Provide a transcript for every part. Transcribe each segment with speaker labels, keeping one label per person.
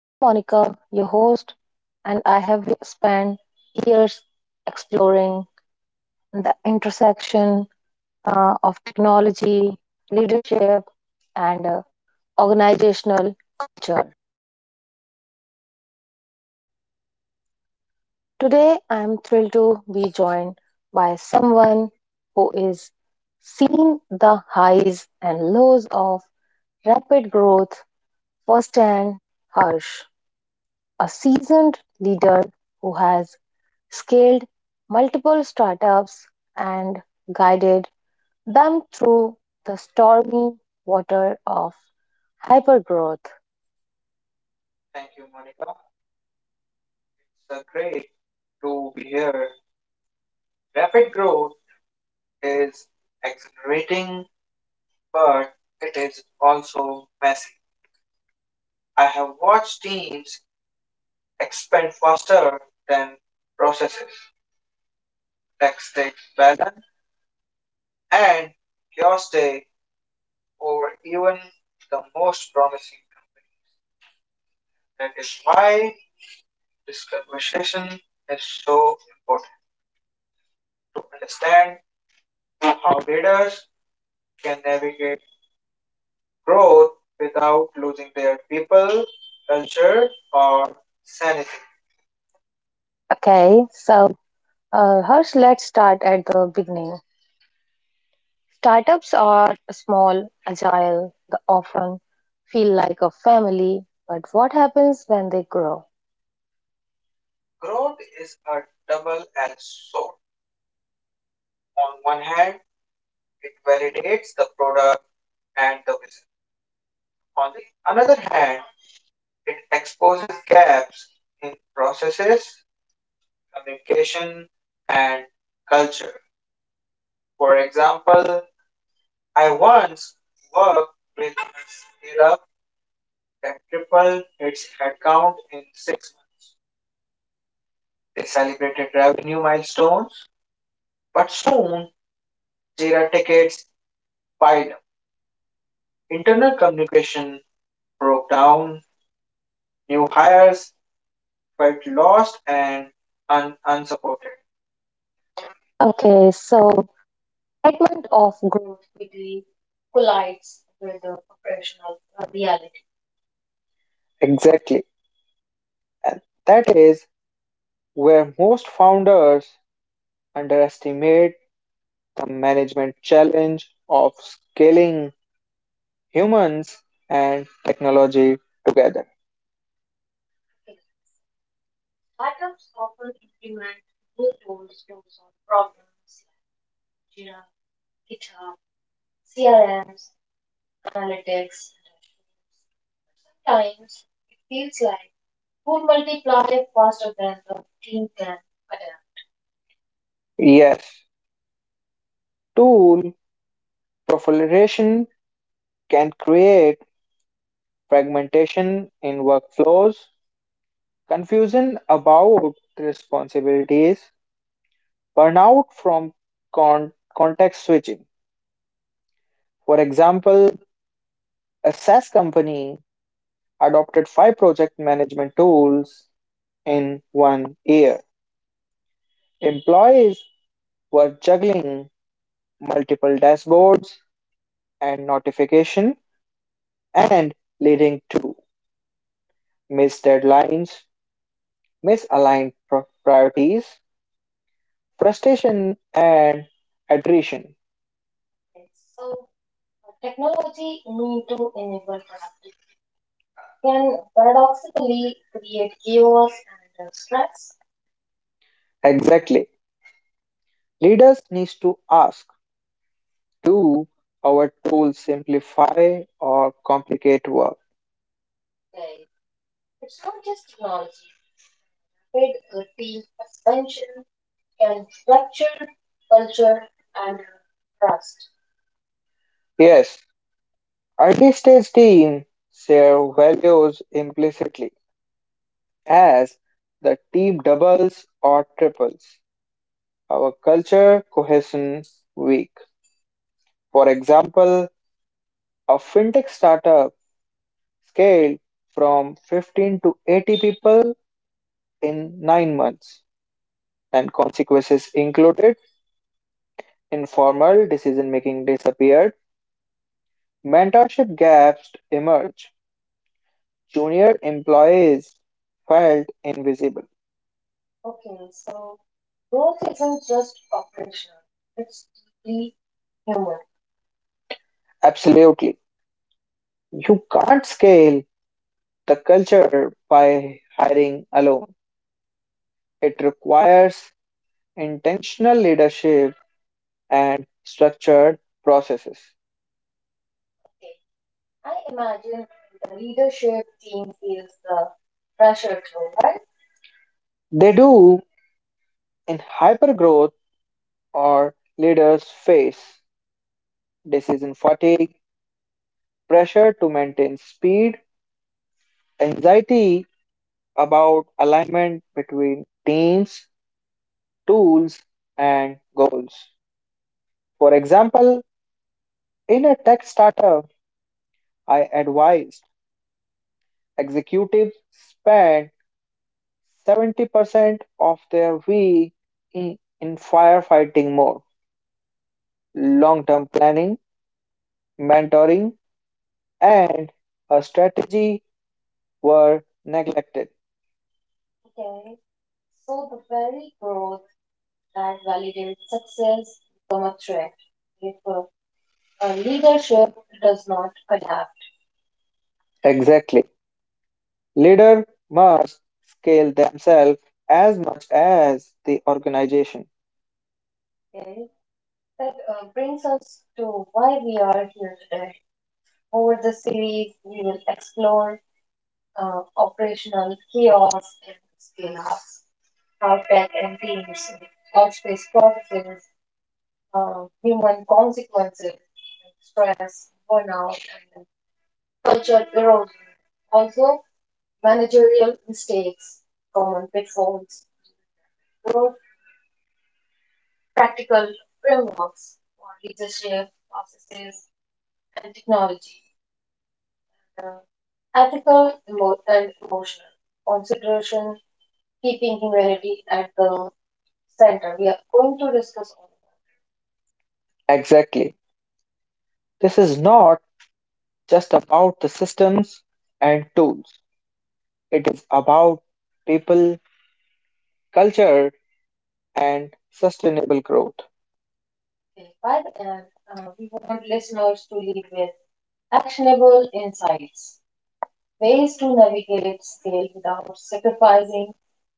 Speaker 1: I'm Monica, your host, and I have spent years exploring the intersection of technology, leadership, and organizational culture. Today, I'm thrilled to be joined by someone who is seen the highs and lows of rapid growth firsthand. Harsh, a seasoned leader who has scaled multiple startups and guided them through the stormy water of hypergrowth. Thank you, Monica. It's great to be here. Rapid growth is exhilarating, but it is also messy. I have watched teams expand faster than processes, tactics, balance, and heuristic over even the most promising company. That is why this conversation is so important to understand how leaders can navigate growth without losing their people, culture, or sanity. Okay, so Harsh, let's start at the beginning. Startups are small, agile, they often feel like a family, but what happens when they grow? Growth is a double-edged sword. On one hand, it validates the product and the business. On the another hand, it exposes gaps in processes, communication, and culture. For example, I once worked with a that tripled its headcount in 6 months. They celebrated revenue milestones, but soon Jira tickets piled up. Internal communication broke down, new hires felt lost and unsupported. Okay, so segment of growth quickly collides with the professional reality. Exactly. And that is where most founders underestimate the management challenge of scaling humans and technology together. Startups often implement new tools to solve problems, Jira, GitHub, CRMs, analytics. Sometimes it feels like food multiply faster than the team can adapt. Yes, tool proliferation can create fragmentation in workflows. Confusion about responsibilities, burnout from context switching. For example, a SaaS company adopted five project management tools in 1 year. Employees were juggling multiple dashboards and notification and leading to missed deadlines, misaligned priorities, frustration and attrition. Technology need to enable productivity can paradoxically create chaos and stress. Exactly. Leaders need to ask, do our tools simplify or complicate work? Okay. It's not just technology. Rapid routine expansion can fracture culture and trust. Yes, early stage team share values implicitly. As the team doubles or triples. Our culture cohesion week. For example, a fintech startup scaled from 15 to 80 people in 9 months, and consequences included informal decision making disappeared, mentorship gaps emerged, junior employees felt invisible. Okay, so growth isn't just operational, it's deeply human. Absolutely. You can't scale the culture by hiring alone. It requires intentional leadership and structured processes. Okay. I imagine the leadership team feels the pressure too, right? They do in hypergrowth or leaders face decision fatigue, pressure to maintain speed, anxiety about alignment between teams, tools, and goals. For example, in a tech startup, I advised executives spend 70% of their week in firefighting mode, long term planning, mentoring, and a strategy were neglected. Okay, so the very growth that validates success become a threat if leadership does not adapt. Exactly. Leaders must scale themselves as much as the organization. Okay. That brings us to why we are here today. Over the series, we will explore operational chaos and scale ups, how tech and teams, outspace processes, human consequences, stress, burnout, and culture erosion. Also, managerial mistakes, common pitfalls, role practical frameworks for leadership, processes, and technology. The ethical, and emotional consideration, keeping humanity at the center. We are going to discuss all that. Exactly. This is not just about the systems and tools, it is about people, culture, and sustainable growth. Okay, by the end, we want listeners to leave with actionable insights. Ways to navigate its scale without sacrificing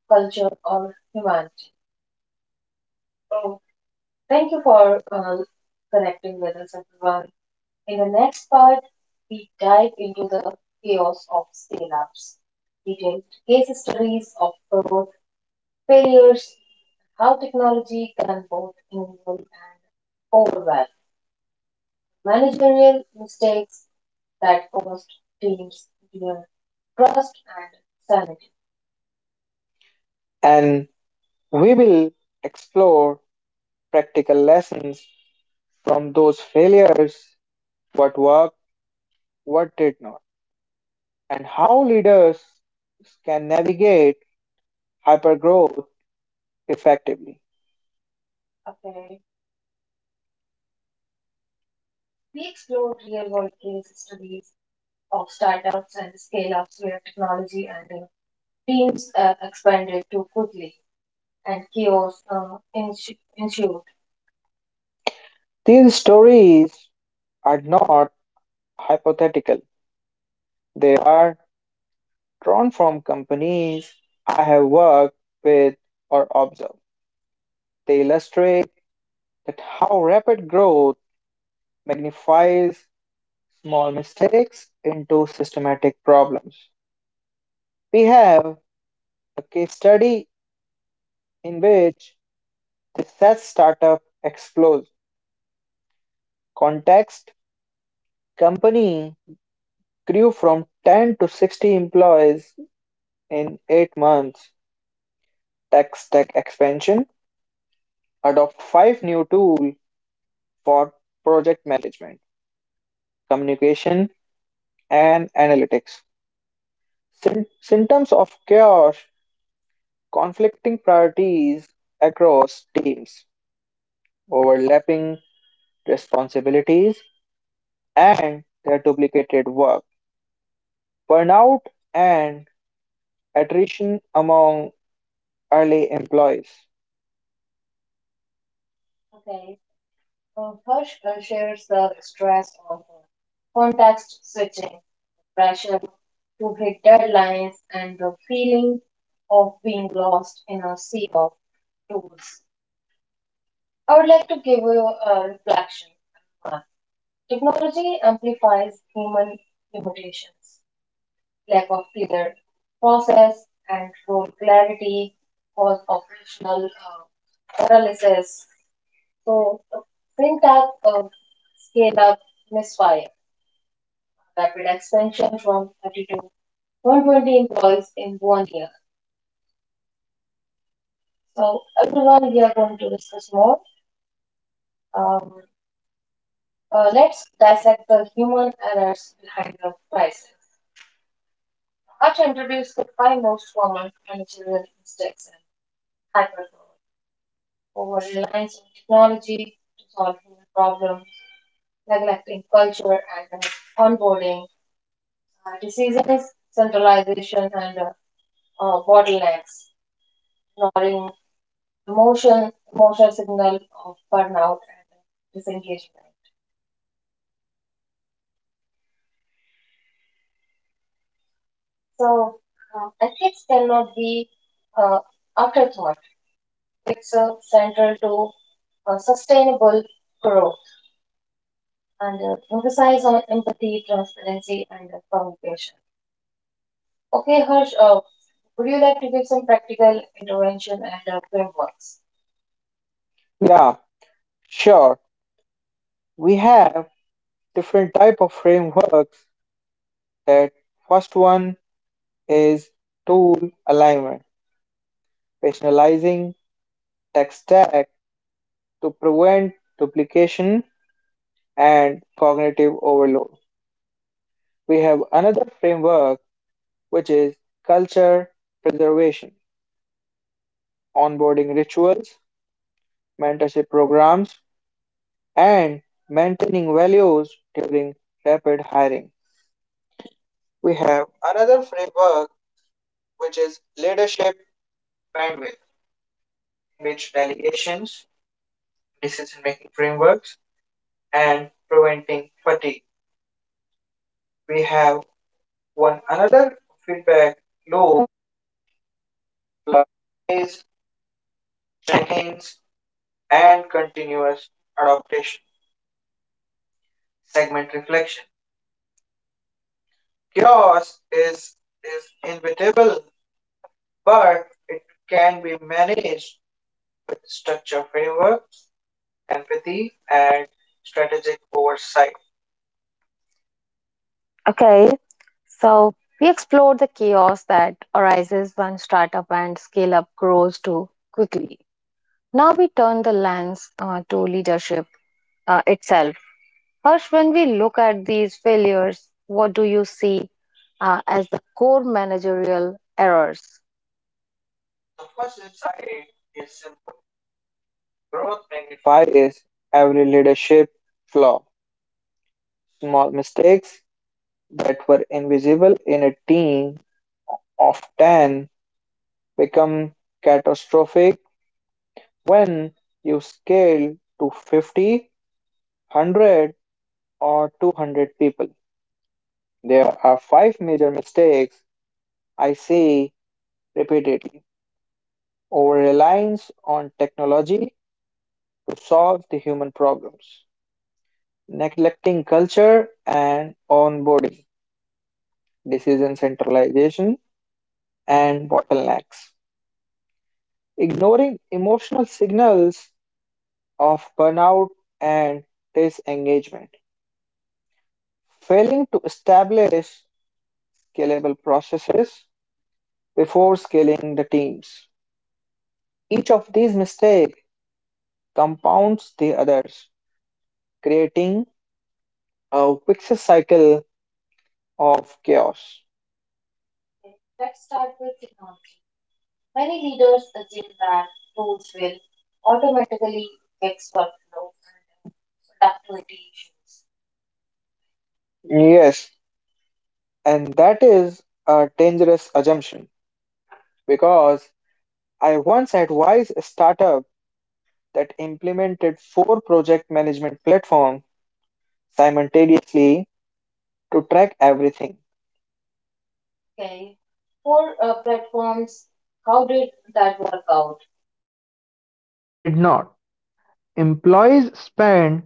Speaker 1: culture or humanity. So, thank you for connecting with us, everyone. In the next part, we dive into the chaos of scale ups, detailed case studies of growth, failures, how technology can both enable and overwhelm, managerial mistakes that cost teams their trust and sanity. And we will explore practical lessons from those failures, what worked, what did not, and how leaders can navigate hypergrowth effectively. Okay. We explored real world case studies of startups and scale ups where technology and teams expanded too quickly and chaos ensued. These stories are not hypothetical, they are drawn from companies I have worked with or observed. They illustrate that how rapid growth magnifies small mistakes into systematic problems. We have a case study in which the SaaS startup explodes. Context company grew from 10 to 60 employees in 8 months. Tech stack expansion, adopt 5 new tools for project management communication, and analytics. Symptoms of chaos, conflicting priorities across teams, overlapping responsibilities, and their duplicated work, burnout, and attrition among early employees. Hirsch shares the stress of context switching, pressure to hit deadlines, and the feeling of being lost in a sea of tools. I would like to give you a reflection. Uh, Technology amplifies human limitations lack of clear process and role clarity, cause operational paralysis. So, fintech scale up misfire, rapid expansion from 30 to 120 employees in 1 year. So, everyone, we are going to discuss more. Um, let's dissect the human errors behind the crisis. I'll introduce the five most common managerial mistakes and hypergrowth. Over reliance on technology to solve human problems, neglecting culture and onboarding, diseases, centralization, and bottlenecks, ignoring emotional signal of burnout and disengagement. So ethics cannot be uh, afterthought. It's central to sustainable growth and emphasize on empathy, transparency, and communication. Okay, Harsh, would you like to give some practical intervention and frameworks? Yeah, sure. We have different type of frameworks. That first one is tool alignment, rationalizing tech stack to prevent duplication and cognitive overload. We have another framework which is culture preservation, onboarding rituals, mentorship programs, and maintaining values during rapid hiring. We have another framework which is leadership bandwidth, which delegations, decision making frameworks, and preventing fatigue. We have one another feedback loop like is check-ins and continuous adaptation, segment reflection. Chaos is inevitable, but it can be managed with structure framework empathy, and strategic oversight. Okay, so we explored the chaos that arises when startup and scale up grows too quickly. Now we turn the lens to leadership itself. First, when we look at these failures, what do you see as the core managerial errors? The first insight is simple. Growth magnified is every leadership flaw, small mistakes that were invisible in a team often become catastrophic when you scale to 50, 100, or 200 people. There are five major mistakes I see repeatedly over reliance on technology to solve the human problems, neglecting culture and onboarding, decision centralization, and bottlenecks, ignoring emotional signals of burnout and disengagement failing to establish scalable processes before scaling the teams. Each of these mistakes compounds the others, creating a vicious cycle of chaos. Okay, let's start with technology. Many leaders assume that tools will automatically fix workflow and productivity issues. Yes, and that is a dangerous assumption because I once advised a startup that implemented four project management platforms simultaneously to track everything. Okay. Four platforms, how did that work out?
Speaker 2: Did not, employees spend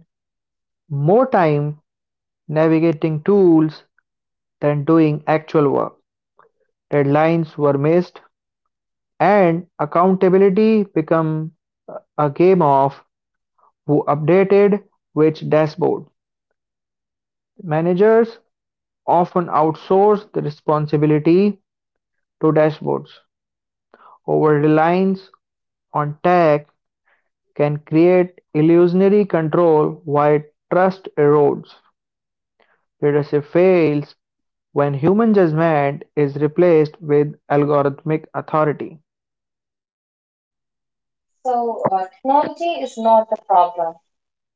Speaker 2: more time navigating tools than doing actual work. Deadlines were missed, and accountability became a game of who updated which dashboard. Managers often outsource the responsibility to dashboards. Over reliance on tech can create illusionary control while trust erodes. Leadership fails when human judgment is replaced with algorithmic authority.
Speaker 1: So, technology is not the problem,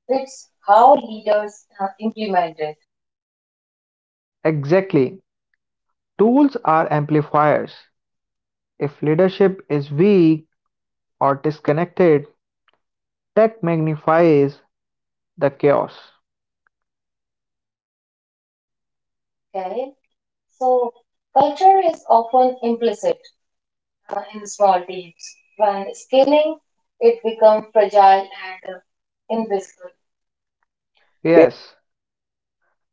Speaker 1: it's how leaders implement it.
Speaker 2: Exactly. Tools are amplifiers. If leadership is weak or disconnected, tech magnifies the chaos.
Speaker 1: Okay. So, culture is often implicit in small teams. When scaling, it becomes fragile and invisible.
Speaker 2: Yes,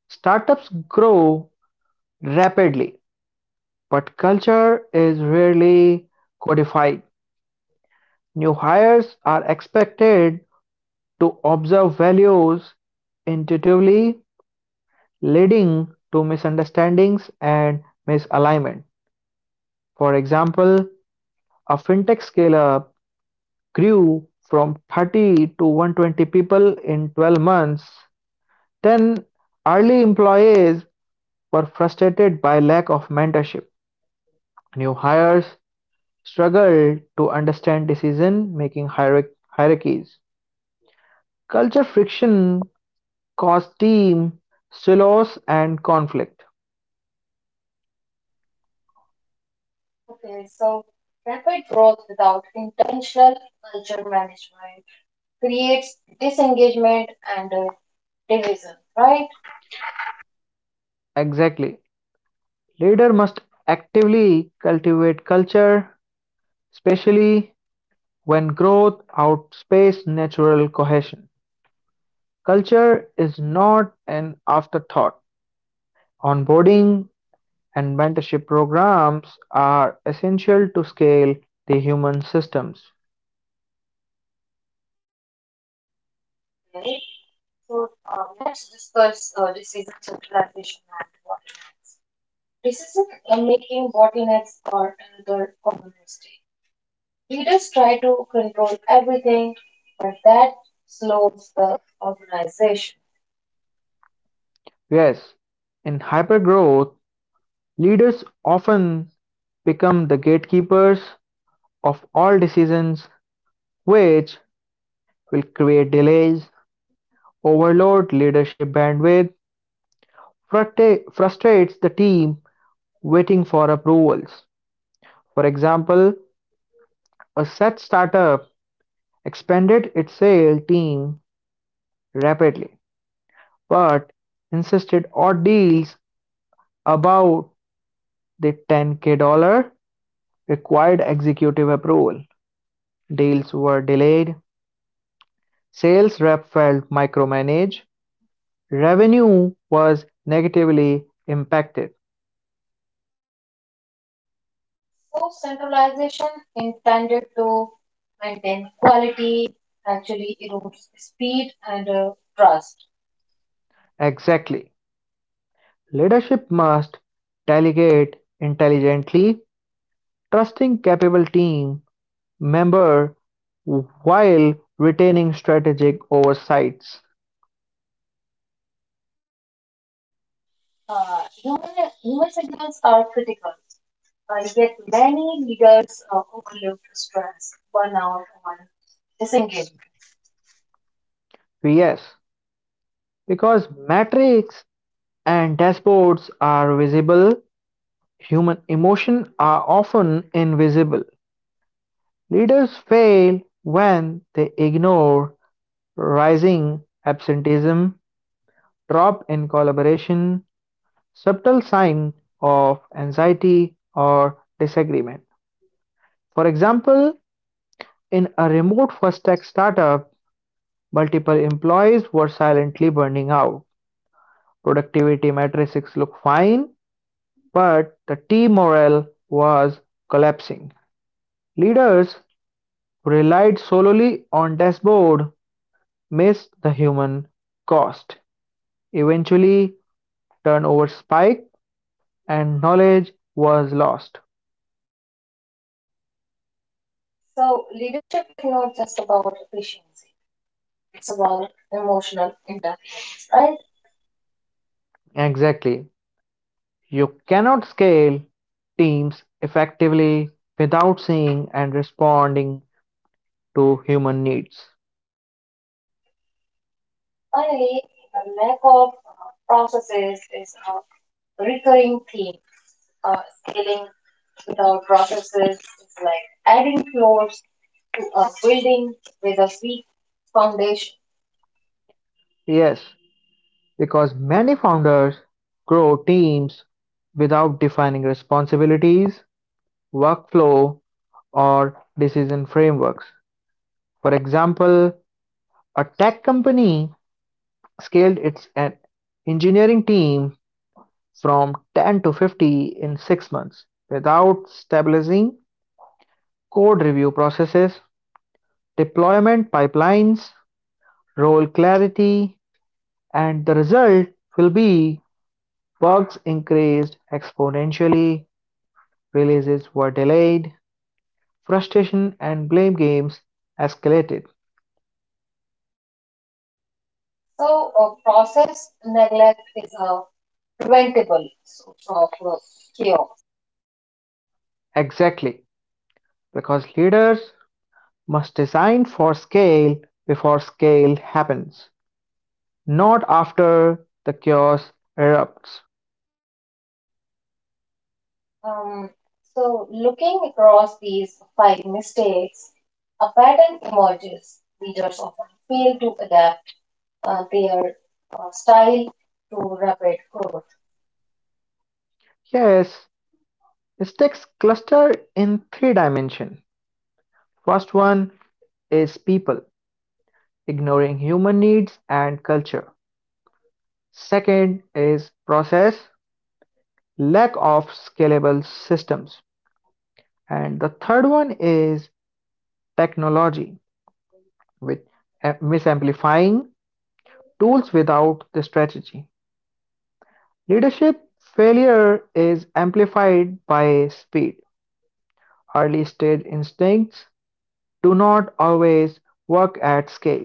Speaker 2: startups grow rapidly, but culture is rarely codified. New hires are expected to observe values intuitively, leading to misunderstandings and misalignment. For example, a fintech scale-up grew from 30 to 120 people in 12 months. Then, early employees were frustrated by lack of mentorship. New hires struggled to understand decision-making hierarchies. Culture friction caused team silos and conflict.
Speaker 1: Okay, so rapid growth without intentional culture management creates disengagement and division,
Speaker 2: Right?
Speaker 1: right?
Speaker 2: Exactly. Leader must actively cultivate culture, especially when growth outspaced natural cohesion. Culture is not an afterthought. Onboarding and mentorship programs are essential to scale the human systems.
Speaker 1: Right. So let's discuss decision centralization and bottlenecks. Decision making bottlenecks are another common mistake. Leaders try to control everything, but that slows the organization.
Speaker 2: Yes, in hypergrowth, leaders often become the gatekeepers of all decisions, which will create delays, overload leadership bandwidth, frustrates the team waiting for approvals. For example, a Seth startup expanded its sales team rapidly, but insisted on deals above the $10K required executive approval. Deals were delayed, sales rep felt micromanaged, revenue was negatively impacted.
Speaker 1: So centralization intended to maintain quality actually erodes speed and trust.
Speaker 2: Exactly. Leadership must delegate intelligently. Trusting capable team member while retaining strategic oversights.
Speaker 1: Uh, human, human signals are critical, yet many leaders overlook stress, burnout, or disengagement.
Speaker 2: Yes, because metrics and dashboards are visible, human emotions are often invisible. Leaders fail when they ignore rising absenteeism, drop in collaboration, subtle sign of anxiety or disagreement. For example, in a remote first tech startup, multiple employees were silently burning out. Productivity metrics looked fine, but the team morale was collapsing. Leaders who relied solely on dashboard missed the human cost. Eventually, turnover spiked and knowledge was lost.
Speaker 1: So leadership is not just about efficiency; it's about emotional intelligence,
Speaker 2: Right?
Speaker 1: right?
Speaker 2: Exactly. You cannot scale teams effectively without seeing and responding to human needs.
Speaker 1: Finally, the lack of processes is a recurring theme. Scaling without processes is like adding floors to a building with a weak foundation.
Speaker 2: Yes, because many founders grow teams without defining responsibilities, workflow, or decision frameworks. For example, a tech company scaled its engineering team from 10 to 50 in 6 months without stabilizing code review processes, deployment pipelines, role clarity, and the result will be bugs increased exponentially. Releases were delayed, frustration and blame games escalated.
Speaker 1: So, a process neglect is a preventable source of cure.
Speaker 2: Exactly, because leaders must design for scale before scale happens, not after the chaos erupts.
Speaker 1: Um, so, looking across these five mistakes, a pattern emerges. Leaders often fail to adapt their style to rapid
Speaker 2: Growth.
Speaker 1: growth.
Speaker 2: Yes, mistakes cluster in three dimensions. First one is people, ignoring human needs and culture. Second is process, lack of scalable systems. And the third one is technology with misamplifying tools without the strategy. Leadership failure is amplified by speed. Early stage instincts do not always work at scale.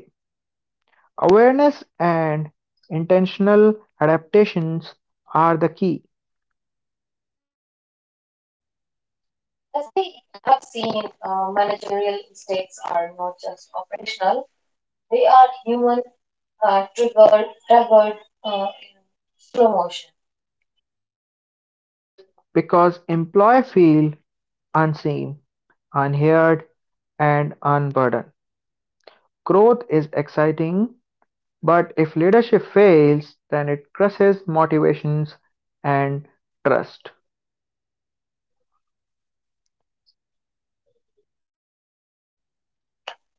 Speaker 2: Awareness and intentional adaptations are the key.
Speaker 1: As we have seen, managerial mistakes are not just operational; they are human, triggered in slow motion.
Speaker 2: Yes, because employees feel unseen, unheard, and unburdened. Growth is exciting, but if leadership fails, then it crushes motivations and trust.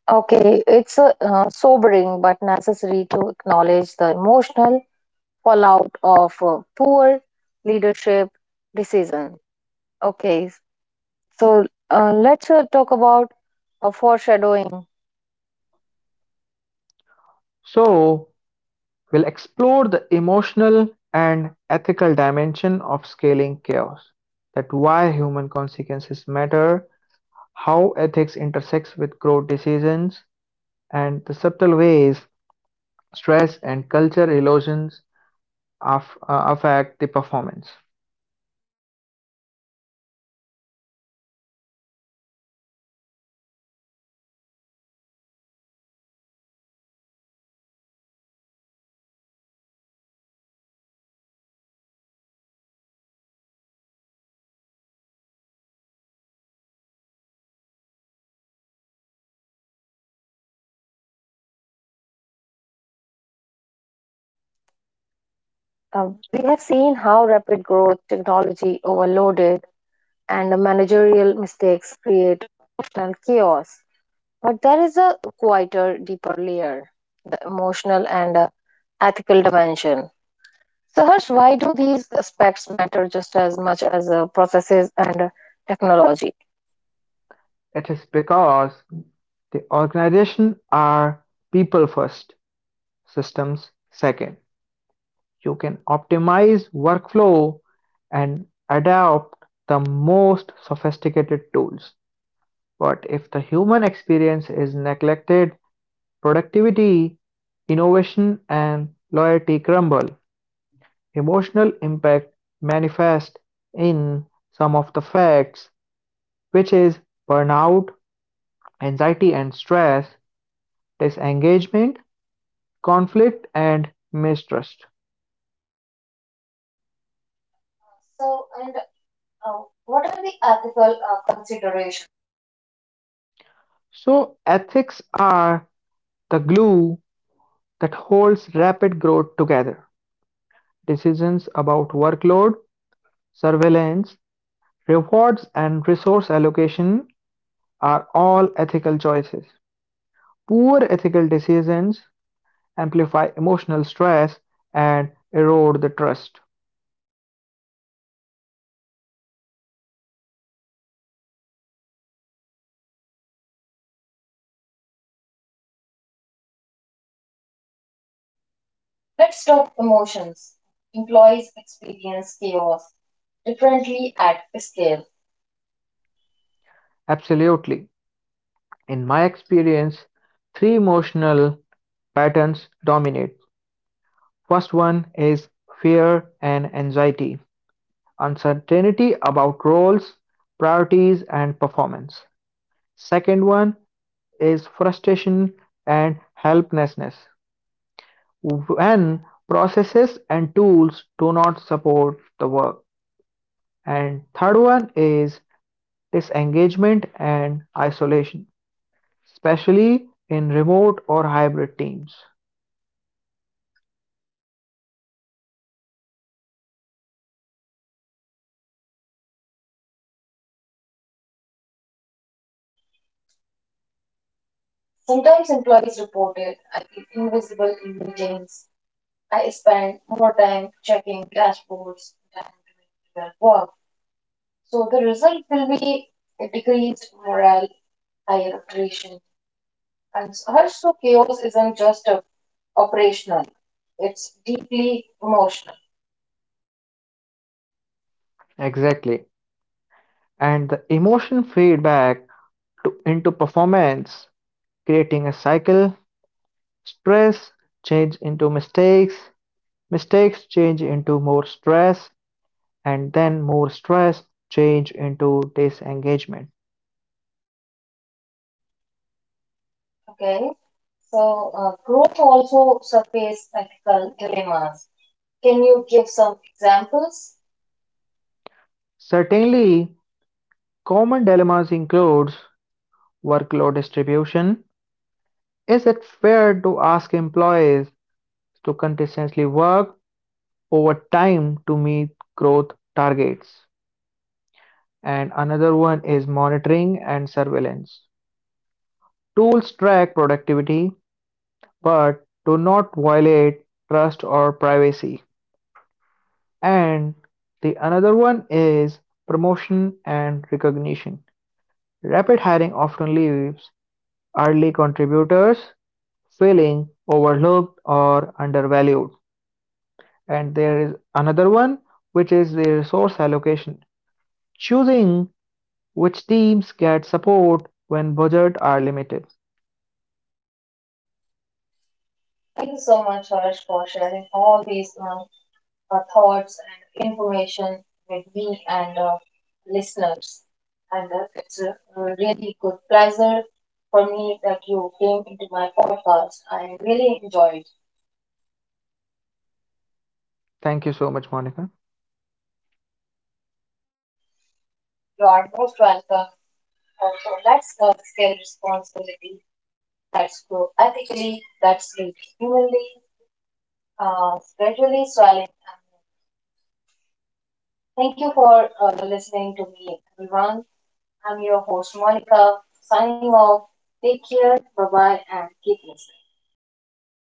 Speaker 1: Okay, it's sobering but necessary to acknowledge the emotional fallout of poor leadership decision. Okay, so let's talk about foreshadowing.
Speaker 2: So, we'll explore the emotional and ethical dimension of scaling chaos, that why human consequences matter, how ethics intersects with growth decisions, and the subtle ways stress and culture erosions affect the performance.
Speaker 1: We have seen how rapid growth, technology overloaded, and managerial mistakes create emotional chaos. But there is a quieter, deeper layer the emotional and ethical dimension. So, Harsh, why do these aspects matter just as much as processes and technology?
Speaker 2: It is because the organization are people first systems. Second, you can optimize workflow and adopt the most sophisticated tools. But if the human experience is neglected, productivity, innovation, and loyalty crumble. Emotional impact manifests in some of the facts, which is burnout, anxiety and stress, disengagement, conflict, and mistrust.
Speaker 1: So, and uh, what are the ethical considerations?
Speaker 2: So, ethics are the glue that holds rapid growth together. Decisions about workload, surveillance, rewards, and resource allocation are all ethical choices. Poor ethical decisions amplify emotional stress and erode the trust.
Speaker 1: Let's talk emotions. Employees experience chaos differently at scale.
Speaker 2: Absolutely. In my experience, three emotional patterns dominate. First one is fear and anxiety, uncertainty about roles, priorities, and performance. Second one is frustration and helplessness when processes and tools do not support the work. And third one is disengagement and isolation, especially in remote or hybrid teams.
Speaker 1: Sometimes employees reported I feel invisible in meetings. I spend more time checking dashboards than doing real work. So the result will be a decreased morale, higher attrition. And also chaos isn't just operational, it's deeply emotional.
Speaker 2: Exactly. And the emotion fade back into performance, creating a cycle. Stress change into mistakes, mistakes change into more stress, and then more stress, change into disengagement.
Speaker 1: Okay. So growth also surfaces ethical dilemmas. Can you give some examples?
Speaker 2: Certainly, common dilemmas includes workload distribution. Is it fair to ask employees to consistently work over time to meet growth targets? And another one is monitoring and surveillance. Tools track productivity but do not violate trust or privacy. And the another one is promotion and recognition. Rapid hiring often leaves early contributors feeling overlooked or undervalued. And there is another one, which is the resource allocation, choosing which teams get support when budgets are limited.
Speaker 1: Thank you so much, Harsh, for sharing all these thoughts and information with me and listeners. And it's a really good pleasure for me that you came into my podcast. I really enjoyed.
Speaker 2: Thank you so much, Monica.
Speaker 1: You are most welcome. Also, let's scale responsibility. Let's grow ethically. Let's live humanly, gradually swelling. Thank you for listening to me, everyone. I'm your host, Monica, signing off. Take care, bye bye, and keep listening.